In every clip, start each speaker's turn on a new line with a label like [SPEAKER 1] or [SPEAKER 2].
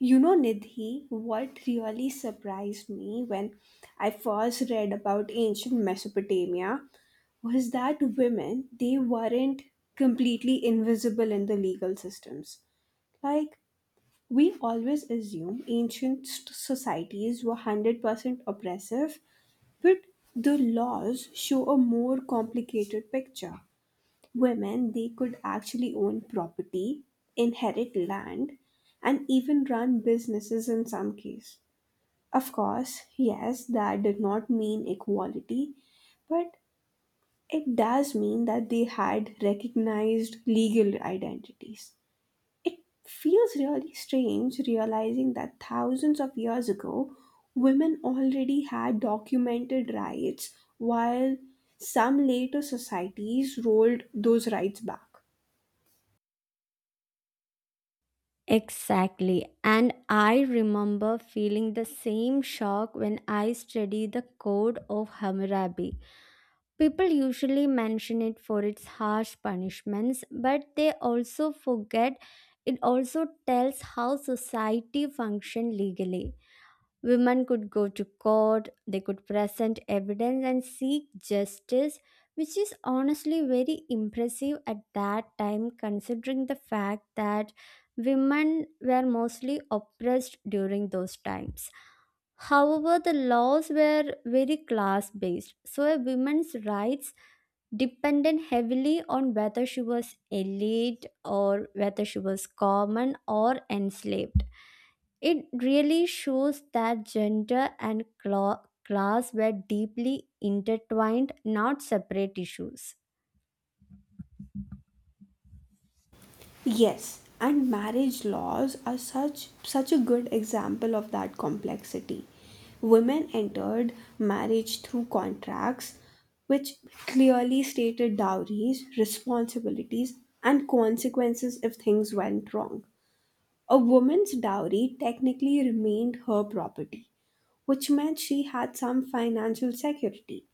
[SPEAKER 1] You know, Nidhi, what really surprised me when I first read about ancient Mesopotamia was that women, they weren't completely invisible in the legal systems. Like, we always assume societies were 100% oppressive, but the laws show a more complicated picture. Women, they could actually own property, inherit land, and even run businesses in some case. Of course, yes, that did not mean equality, but it does mean that they had recognized legal identities. It feels really strange realizing that thousands of years ago women already had documented rights while some later societies rolled those rights back.
[SPEAKER 2] Exactly. And I remember feeling the same shock when I studied the Code of Hammurabi. People usually mention it for its harsh punishments, but they also forget it also tells how society functioned legally. Women could go to court, they could present evidence and seek justice, which is honestly very impressive at that time, considering the fact that women were mostly oppressed during those times. However, the laws were very class based, so a woman's rights depended heavily on whether she was elite or whether she was common or enslaved. It really shows that gender and class were deeply intertwined, not separate issues.
[SPEAKER 1] Yes, and marriage laws are such a good example of that complexity. Women entered marriage through contracts which clearly stated dowries, responsibilities, and consequences if things went wrong. A woman's dowry technically remained her property, which meant she had some financial security.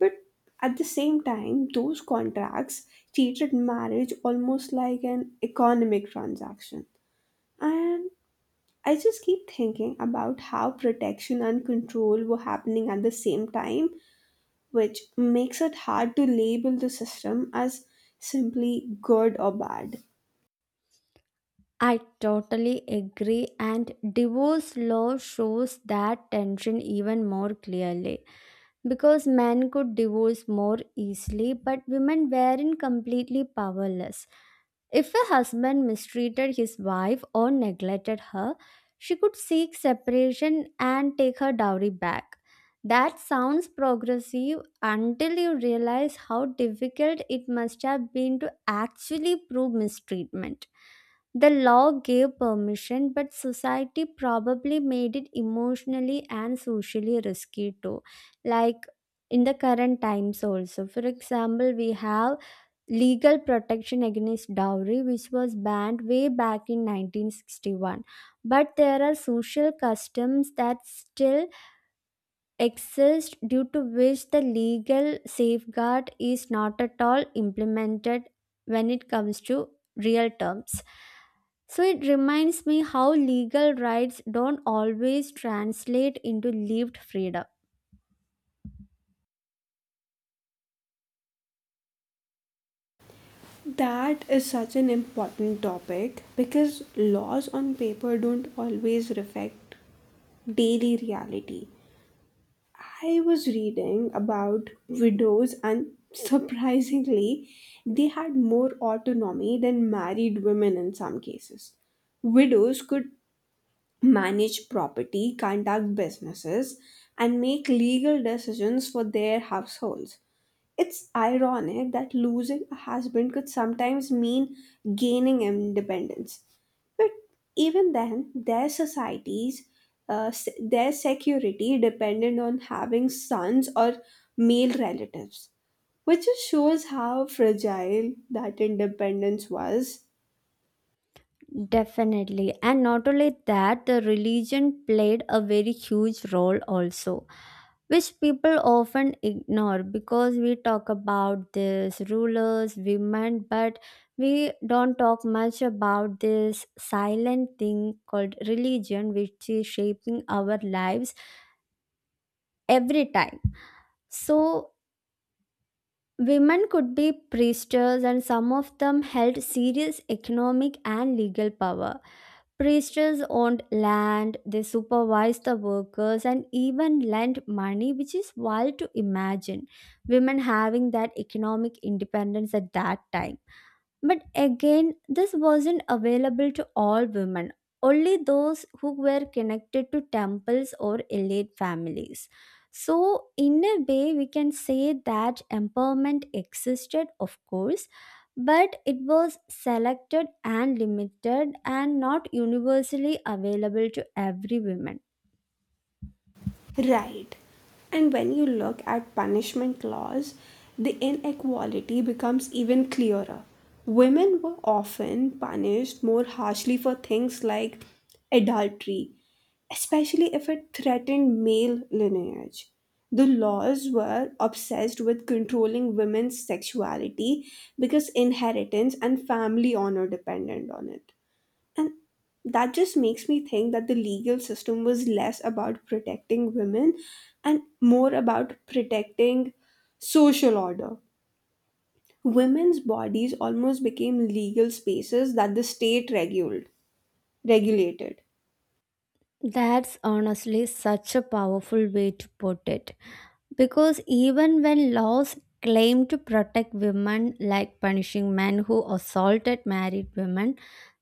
[SPEAKER 1] But at the same time, those contracts treated marriage almost like an economic transaction. And I just keep thinking about how protection and control were happening at the same time, which makes it hard to label the system as simply good or bad.
[SPEAKER 2] I totally agree, and divorce law shows that tension even more clearly. Because men could divorce more easily, but women weren't completely powerless. If a husband mistreated his wife or neglected her, she could seek separation and take her dowry back. That sounds progressive until you realize how difficult it must have been to actually prove mistreatment the law gave permission, but society probably made it emotionally and socially risky too. Like in the current times, also. For example, we have legal protection against dowry, which was banned way back in 1961. But there are social customs that still exist due to which the legal safeguard is not at all implemented when it comes to real terms. So it reminds me how legal rights don't always translate into lived freedom.
[SPEAKER 1] That is such an important topic because laws on paper don't always reflect daily reality. I was reading about widows, and surprisingly, they had more autonomy than married women in some cases. Widows could manage property, conduct businesses, and make legal decisions for their households. It's ironic that losing a husband could sometimes mean gaining independence. But even then, their societies, their security depended on having sons or male relatives, which just shows how fragile that independence was.
[SPEAKER 2] Definitely. And not only that, the religion played a very huge role also, which people often ignore because we talk about this rulers, women, but we don't talk much about this silent thing called religion, which is shaping our lives every time. So women could be priestesses, and some of them held serious economic and legal power. Priestesses owned land, they supervised the workers, and even lent money, which is wild to imagine women having that economic independence at that time. But again, this wasn't available to all women, only those who were connected to temples or elite families. So, in a way, we can say that empowerment existed, of course, but it was selected and limited and not universally available to every woman.
[SPEAKER 1] Right. And when you look at punishment laws, the inequality becomes even clearer. Women were often punished more harshly for things like adultery, especially if it threatened male lineage. The laws were obsessed with controlling women's sexuality because inheritance and family honor depended on it. And that just makes me think that the legal system was less about protecting women and more about protecting social order. Women's bodies almost became legal spaces that the state regulated.
[SPEAKER 2] That's honestly such a powerful way to put it. Because even when laws claim to protect women, like punishing men who assaulted married women,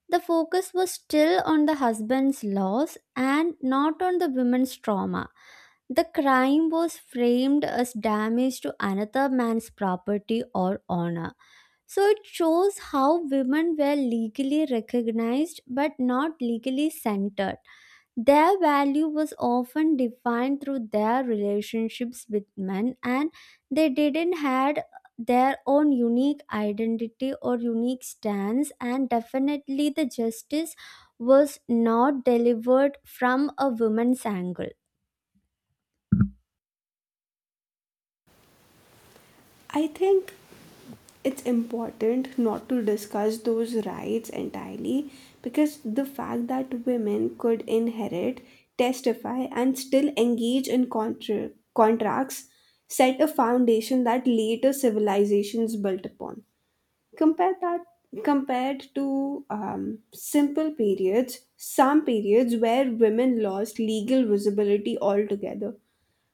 [SPEAKER 2] the focus was still on the husband's loss and not on the woman's trauma. The crime was framed as damage to another man's property or honor. So it shows how women were legally recognized but not legally centered. Their value was often defined through their relationships with men and they didn't had their own unique identity or unique stance and definitely the justice was not delivered from a woman's angle.
[SPEAKER 1] I think it's important not to discuss those rights entirely because the fact that women could inherit, testify, and still engage in contracts set a foundation that later civilizations built upon. Compare that Compared to simple periods, some periods where women lost legal visibility altogether,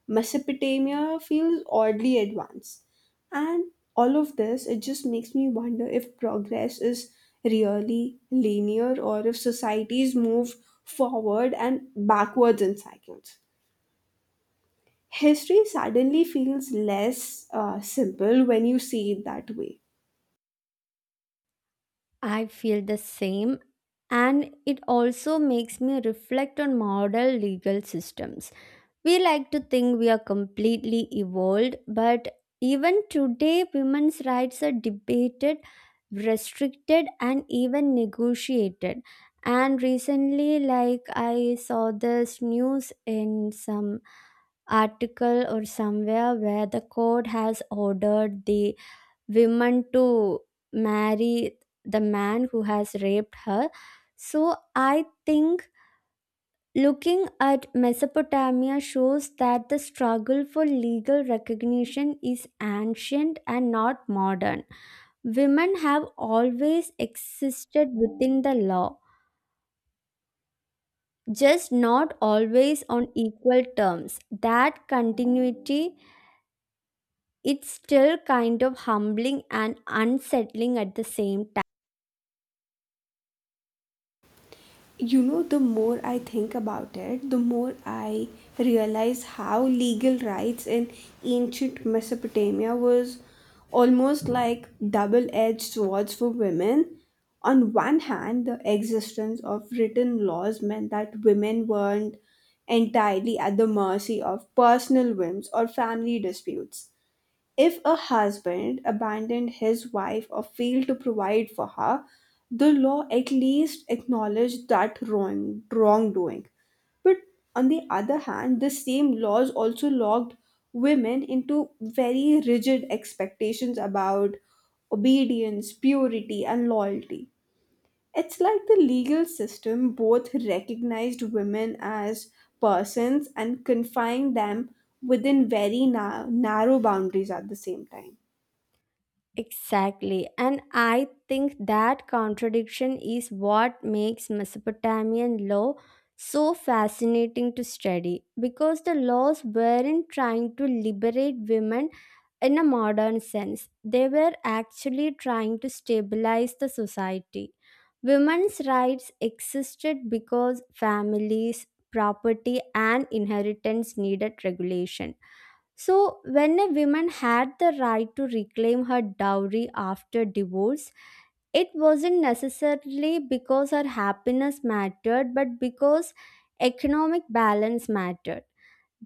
[SPEAKER 1] Mesopotamia feels oddly advanced. And all of this, it just makes me wonder if progress is really linear or if societies move forward and backwards in cycles. History suddenly feels less simple when you see it that way.
[SPEAKER 2] I feel the same, and it also makes me reflect on modern legal systems. We like to think we are completely evolved, but even today women's rights are debated, restricted, and even negotiated. And recently, like, I saw this news in some article or somewhere where the court has ordered the woman to marry the man who has raped her. So I think looking at Mesopotamia shows that the struggle for legal recognition is ancient and not modern. Women have always existed within the law, just not always on equal terms. That continuity, it's still kind of humbling and unsettling at the same time.
[SPEAKER 1] You know, the more I think about it, the more I realize how legal rights in ancient Mesopotamia was almost like double-edged swords for women. On one hand, the existence of written laws meant that women weren't entirely at the mercy of personal whims or family disputes. If a husband abandoned his wife or failed to provide for her, the law at least acknowledged that wrongdoing. But on the other hand, the same laws also locked women into very rigid expectations about obedience, purity, and loyalty. It's like the legal system both recognized women as persons and confined them within narrow boundaries at the same time.
[SPEAKER 2] Exactly. And I think that contradiction is what makes Mesopotamian law so fascinating to study because the laws weren't trying to liberate women in a modern sense, they were actually trying to stabilize the society. Women's rights existed because families, property, and inheritance needed regulation. So, when a woman had the right to reclaim her dowry after divorce, it wasn't necessarily because her happiness mattered, but because economic balance mattered.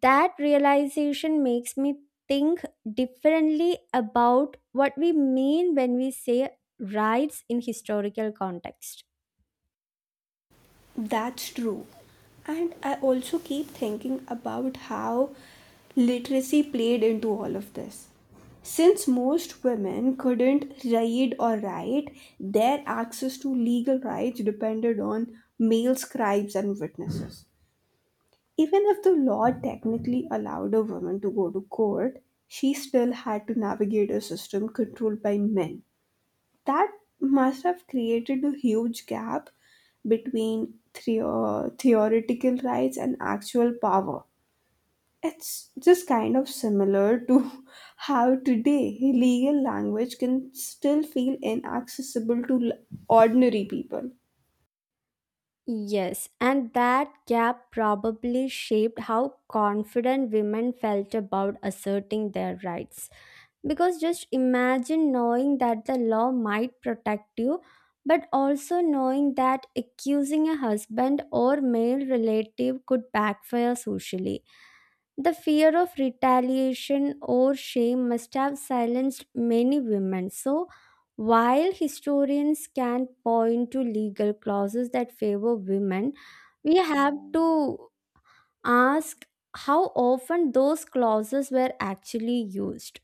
[SPEAKER 2] That realization makes me think differently about what we mean when we say rights in historical context.
[SPEAKER 1] That's true. And I also keep thinking about how literacy played into all of this. Since most women couldn't read or write, their access to legal rights depended on male scribes and witnesses. Even if the law technically allowed a woman to go to court, she still had to navigate a system controlled by men. That must have created a huge gap between theoretical rights and actual power. It's just kind of similar to how today legal language can still feel inaccessible to ordinary people.
[SPEAKER 2] Yes, and that gap probably shaped how confident women felt about asserting their rights. Because just imagine knowing that the law might protect you, but also knowing that accusing a husband or male relative could backfire socially. The fear of retaliation or shame must have silenced many women. So, while historians can point to legal clauses that favor women, we have to ask how often those clauses were actually used.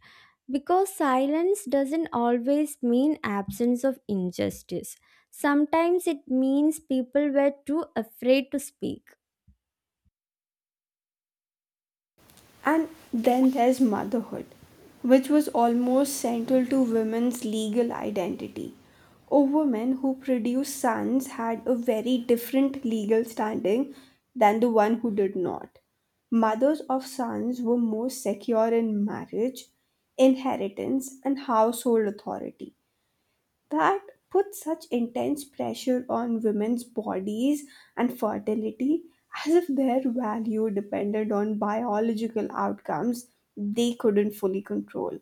[SPEAKER 2] Because silence doesn't always mean absence of injustice. Sometimes it means people were too afraid to speak.
[SPEAKER 1] And then there's motherhood, which was almost central to women's legal identity. A woman who produced sons had a very different legal standing than the one who did not. Mothers of sons were more secure in marriage, inheritance, and household authority. That puts such intense pressure on women's bodies and fertility, as if their value depended on biological outcomes they couldn't fully control.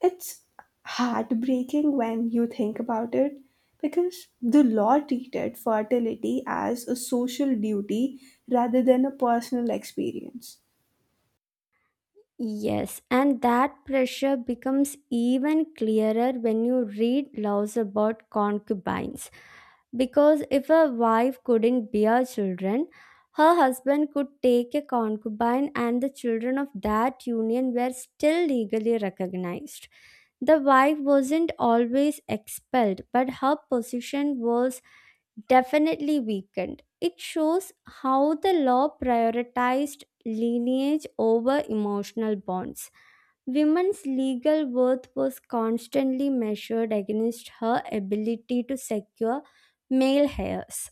[SPEAKER 1] It's heartbreaking when you think about it because the law treated fertility as a social duty rather than a personal experience.
[SPEAKER 2] Yes, and that pressure becomes even clearer when you read laws about concubines. Because if a wife couldn't bear children, her husband could take a concubine, and the children of that union were still legally recognized. The wife wasn't always expelled, but her position was definitely weakened. It shows how the law prioritized lineage over emotional bonds. Women's legal worth was constantly measured against her ability to secure male heirs.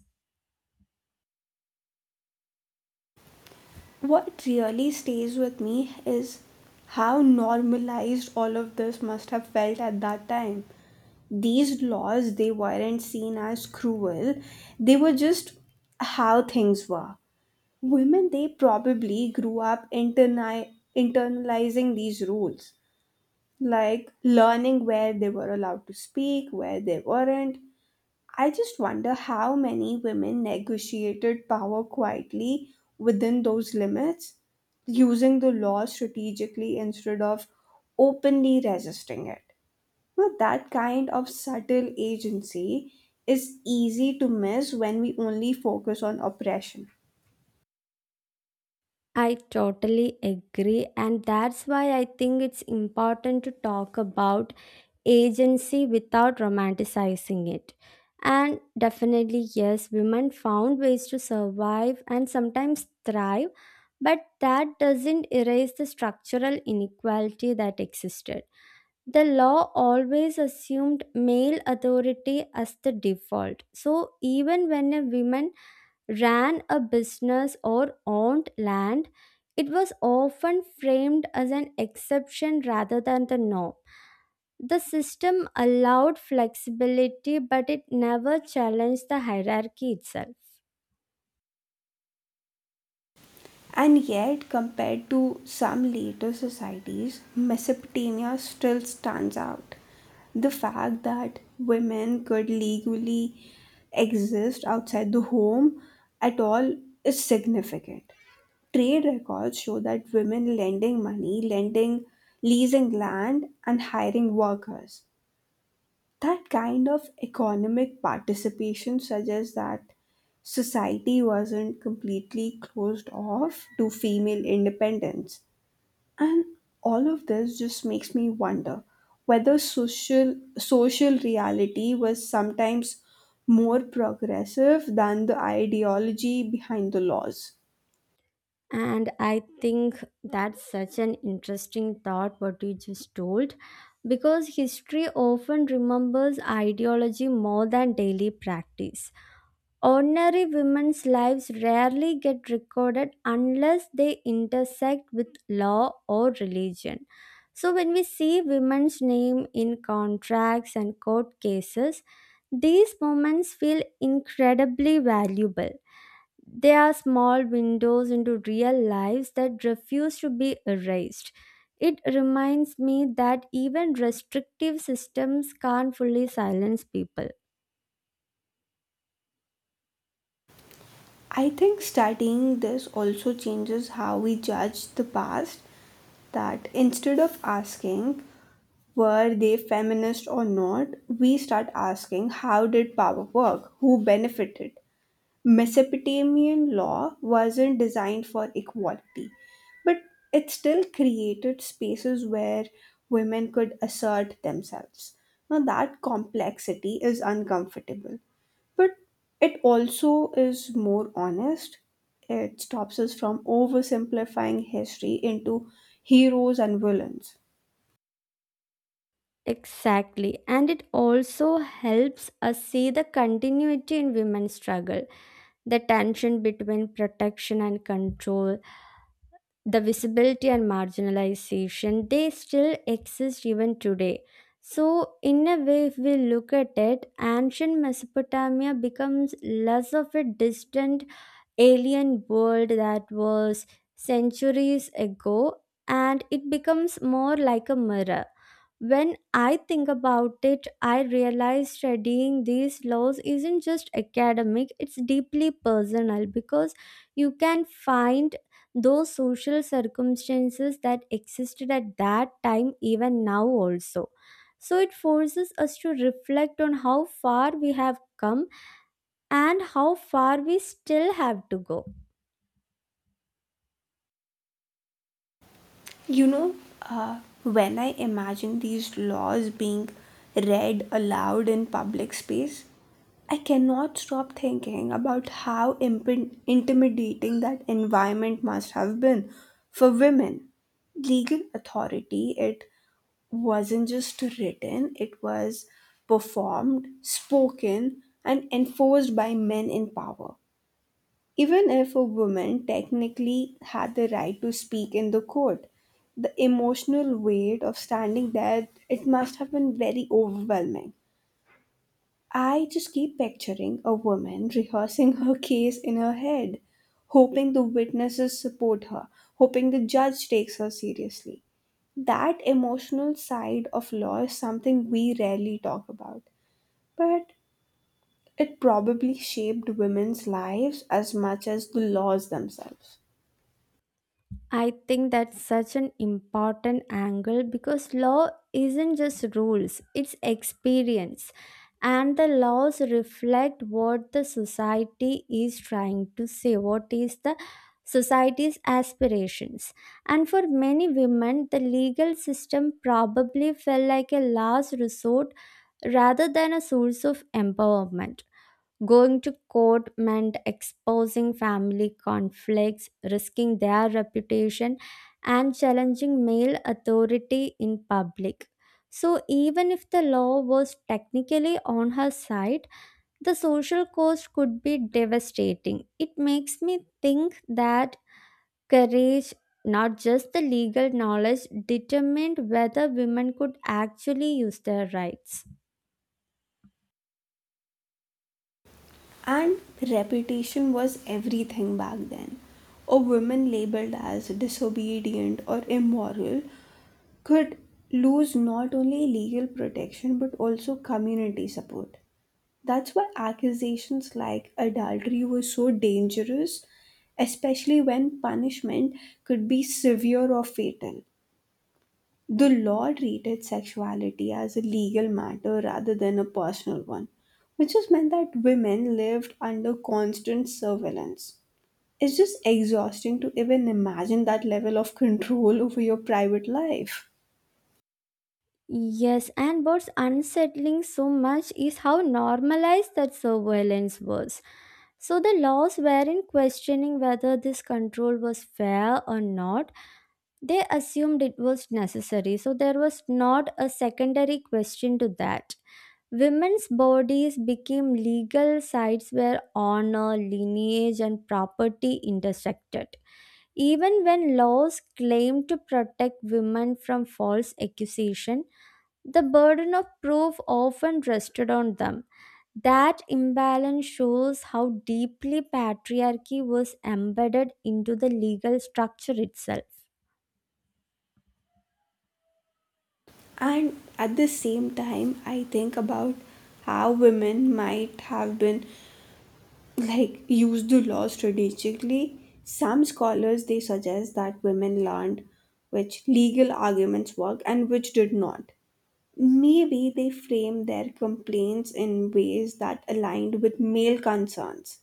[SPEAKER 1] What really stays with me is how normalized all of this must have felt at that time. These laws, they weren't seen as cruel, they were just how things were. Women, they probably grew up internalizing these rules, like learning where they were allowed to speak, where they weren't. I just wonder how many women negotiated power quietly within those limits, using the law strategically instead of openly resisting it. Now, that kind of subtle agency is easy to miss when we only focus on oppression.
[SPEAKER 2] I totally agree, and that's why I think it's important to talk about agency without romanticizing it. And definitely, yes, women found ways to survive and sometimes thrive, but that doesn't erase the structural inequality that existed. The law always assumed male authority as the default. So, even when a woman ran a business or owned land, it was often framed as an exception rather than the norm. The system allowed flexibility, but it never challenged the hierarchy itself.
[SPEAKER 1] And yet, compared to some later societies, Mesopotamia still stands out. The fact that women could legally exist outside the home at all is significant. Trade records show that women lending, leasing land, and hiring workers, that kind of economic participation suggests that society wasn't completely closed off to female independence. And all of this just makes me wonder whether social reality was sometimes more progressive than the ideology behind the laws.
[SPEAKER 2] And I think that's such an interesting thought, what you just told, because history often remembers ideology more than daily practice. Ordinary women's lives rarely get recorded unless they intersect with law or religion. So, when we see women's name in contracts and court cases, these moments feel incredibly valuable. They are small windows into real lives that refuse to be erased. It reminds me that even restrictive systems can't fully silence people.
[SPEAKER 1] I think studying this also changes how we judge the past, that instead of asking, were they feminist or not, we start asking, how did power work? Who benefited? Mesopotamian law wasn't designed for equality, but it still created spaces where women could assert themselves. Now, that complexity is uncomfortable, but it also is more honest. It stops us from oversimplifying history into heroes and villains.
[SPEAKER 2] Exactly, and it also helps us see the continuity in women's struggle, the tension between protection and control, the visibility and marginalization they still exist even today. So, in a way, if we look at it, ancient Mesopotamia becomes less of a distant alien world that was centuries ago, and it becomes more like a mirror. When I think about it, I realize studying these laws isn't just academic, it's deeply personal because you can find those social circumstances that existed at that time, even now, also. So it forces us to reflect on how far we have come and how far we still have to go.
[SPEAKER 1] You know, when I imagine these laws being read aloud in public space, I cannot stop thinking about how intimidating that environment must have been for women. Legal authority, it wasn't just written, it was performed, spoken, and enforced by men in power. Even if a woman technically had the right to speak in the court, the emotional weight of standing there, it must have been very overwhelming. I just keep picturing a woman rehearsing her case in her head, hoping the witnesses support her, hoping the judge takes her seriously. That emotional side of law is something we rarely talk about, but it probably shaped women's lives as much as the laws themselves.
[SPEAKER 2] I think that's such an important angle because law isn't just rules, it's experience. And the laws reflect what the society is trying to say, what is the society's aspirations. And for many women, the legal system probably felt like a last resort rather than a source of empowerment. Going to court meant exposing family conflicts, risking their reputation, and challenging male authority in public. So, even if the law was technically on her side, the social cost could be devastating. It makes me think that courage, not just the legal knowledge, determined whether women could actually use their rights.
[SPEAKER 1] And reputation was everything back then. A woman labeled as disobedient or immoral could lose not only legal protection but also community support. That's why accusations like adultery were so dangerous, especially when punishment could be severe or fatal. The law treated sexuality as a legal matter rather than a personal one, which just meant that women lived under constant surveillance. It's just exhausting to even imagine that level of control over your private life.
[SPEAKER 2] Yes, and what's unsettling so much is how normalized that surveillance was. So the laws weren't questioning whether this control was fair or not. They assumed it was necessary, so there was not a secondary question to that. Women's bodies became legal sites where honor, lineage, and property intersected. Even when laws claimed to protect women from false accusation, the burden of proof often rested on them. That imbalance shows how deeply patriarchy was embedded into the legal structure itself.
[SPEAKER 1] And at the same time, I think about how women might have been like used the law strategically. Some scholars, they suggest that women learned which legal arguments worked and which did not. Maybe they framed their complaints in ways that aligned with male concerns,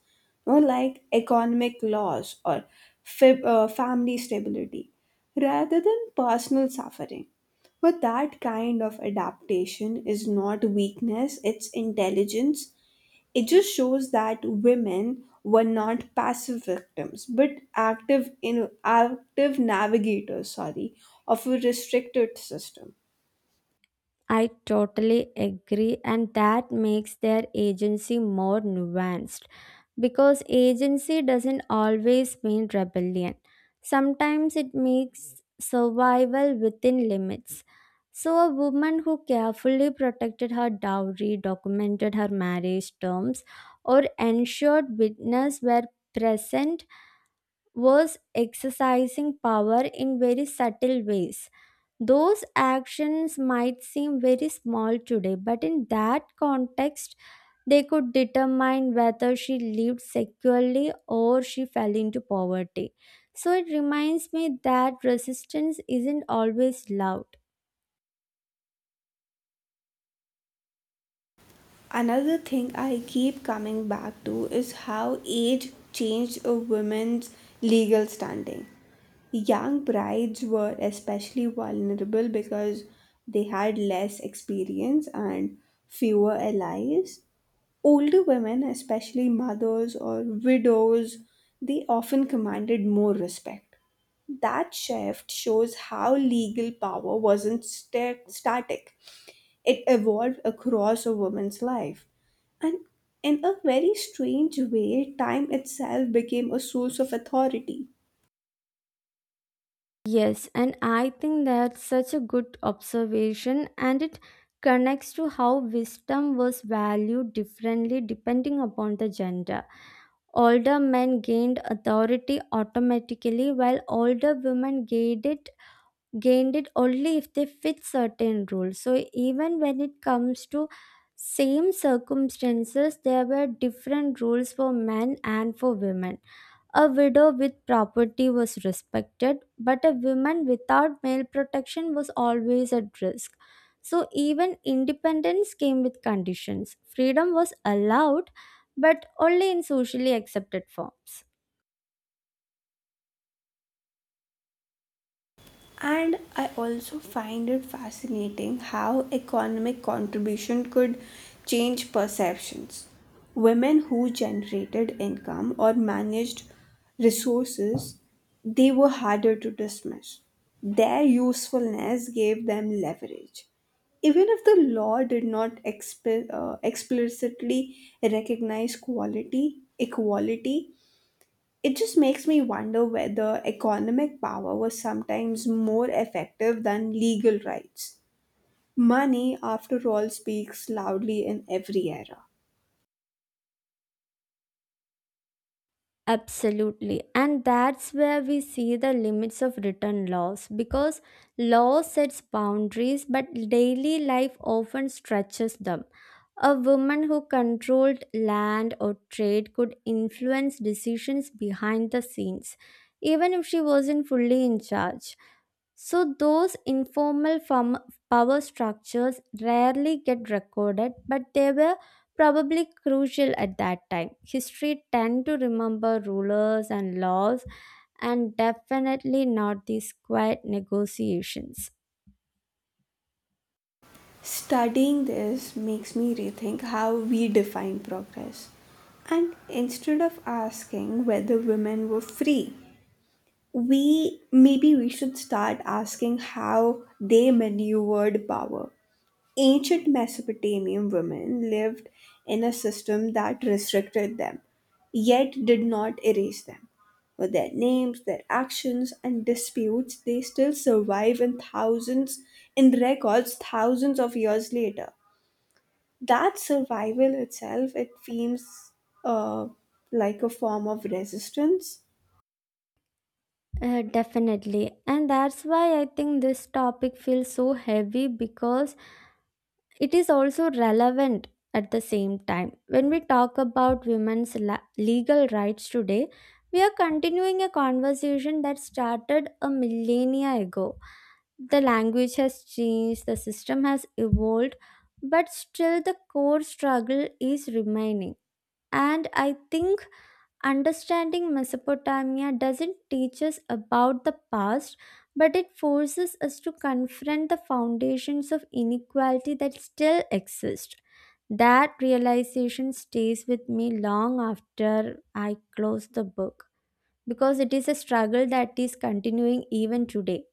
[SPEAKER 1] you know, like economic loss or family stability, rather than personal suffering. But that kind of adaptation is not weakness, it's intelligence. It just shows that women were not passive victims, but active navigators, sorry, of a restricted system.
[SPEAKER 2] I totally agree, and that makes their agency more nuanced because agency doesn't always mean rebellion. Sometimes it means survival within limits. So, a woman who carefully protected her dowry, documented her marriage terms, or ensured witnesses were present was exercising power in very subtle ways. Those actions might seem very small today, but in that context, they could determine whether she lived securely or she fell into poverty. So it reminds me that resistance isn't always loud.
[SPEAKER 1] Another thing I keep coming back to is how age changed a woman's legal standing. Young brides were especially vulnerable because they had less experience and fewer allies. Older women, especially mothers or widows, they often commanded more respect. That shift shows how legal power wasn't sta- static. It evolved across a woman's life. And in a very strange way, time itself became a source of authority.
[SPEAKER 2] Yes, and I think that's such a good observation, and it connects to how wisdom was valued differently depending upon the gender. Older men gained authority automatically, while older women gained it only if they fit certain rules. So even when it comes to same circumstances, there were different rules for men and for women. A widow with property was respected, but a woman without male protection was always at risk. So, even independence came with conditions. Freedom was allowed, but only in socially accepted forms.
[SPEAKER 1] And I also find it fascinating how economic contribution could change perceptions. Women who generated income or managed resources, they were harder to dismiss. Their usefulness gave them leverage. Even if the law did not explicitly recognize equality, it just makes me wonder whether economic power was sometimes more effective than legal rights. Money, after all, speaks loudly in every era.
[SPEAKER 2] Absolutely. And that's where we see the limits of written laws because law sets boundaries, but daily life often stretches them. A woman who controlled land or trade could influence decisions behind the scenes, even if she wasn't fully in charge. So, those informal power structures rarely get recorded, but they were probably crucial at that time. History tend to remember rulers and laws, and definitely not these quiet negotiations.
[SPEAKER 1] Studying this makes me rethink how we define progress. And instead of asking whether women were free, we maybe we should start asking how they maneuvered power. Ancient Mesopotamian women lived in a system that restricted them, yet did not erase them. With their names, their actions, and disputes, they still survive in thousands, in records thousands of years later. That survival itself, it seems uh, like a form of resistance.
[SPEAKER 2] Definitely. And that's why I think this topic feels so heavy because it is also relevant at the same time. When we talk about women's legal rights today, we are continuing a conversation that started a millennia ago. The language has changed, the system has evolved, but still the core struggle is remaining. And I think understanding Mesopotamia doesn't teach us about the past, but it forces us to confront the foundations of inequality that still exist. That realization stays with me long after I close the book because it is a struggle that is continuing even today.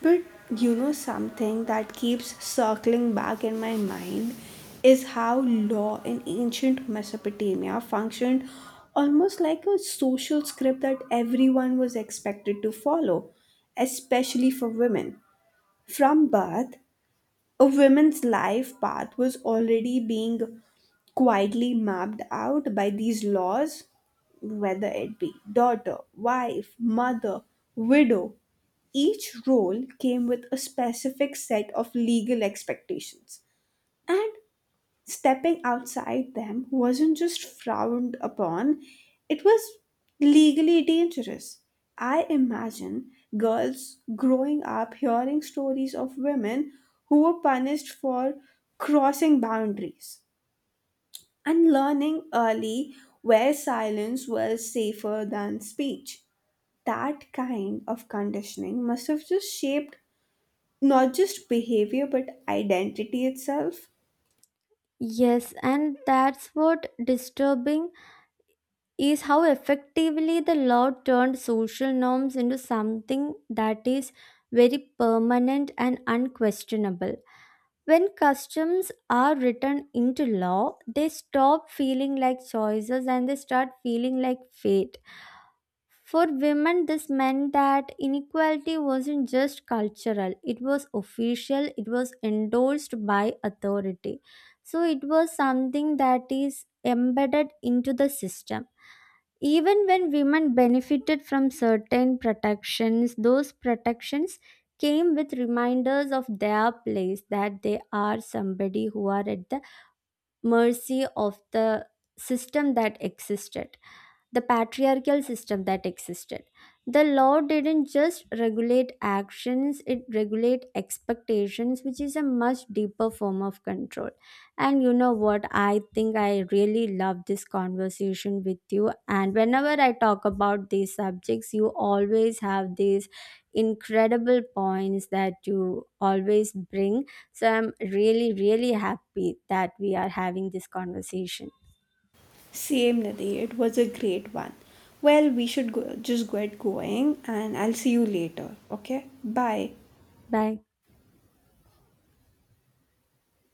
[SPEAKER 1] But you know, something that keeps circling back in my mind is how law in ancient Mesopotamia functioned almost like a social script that everyone was expected to follow, especially for women. From birth, a woman's life path was already being quietly mapped out by these laws, whether it be daughter, wife, mother, widow. Each role came with a specific set of legal expectations, and stepping outside them wasn't just frowned upon, it was legally dangerous. I imagine girls growing up hearing stories of women who were punished for crossing boundaries and learning early where silence was safer than speech. That kind of conditioning must have just shaped not just behavior but identity itself.
[SPEAKER 2] Yes, and that's what disturbing is how effectively the law turned social norms into something that is very permanent and unquestionable. When customs are written into law, they stop feeling like choices and they start feeling like fate. For women, this meant that inequality wasn't just cultural, it was official, it was endorsed by authority. So it was something that is embedded into the system. Even when women benefited from certain protections, those protections came with reminders of their place, that they are somebody who are at the mercy of the system that existed, the patriarchal system that existed. The law didn't just regulate actions, it regulate expectations, which is a much deeper form of control. And you know what? I think I really love this conversation with you. And whenever I talk about these subjects, you always have these incredible points that you always bring, so I'm really, really happy that we are having this conversation.
[SPEAKER 1] Same, Nadi, it was a great one. Well, we should go, just get going and I'll see you later. Okay? Bye.
[SPEAKER 2] Bye.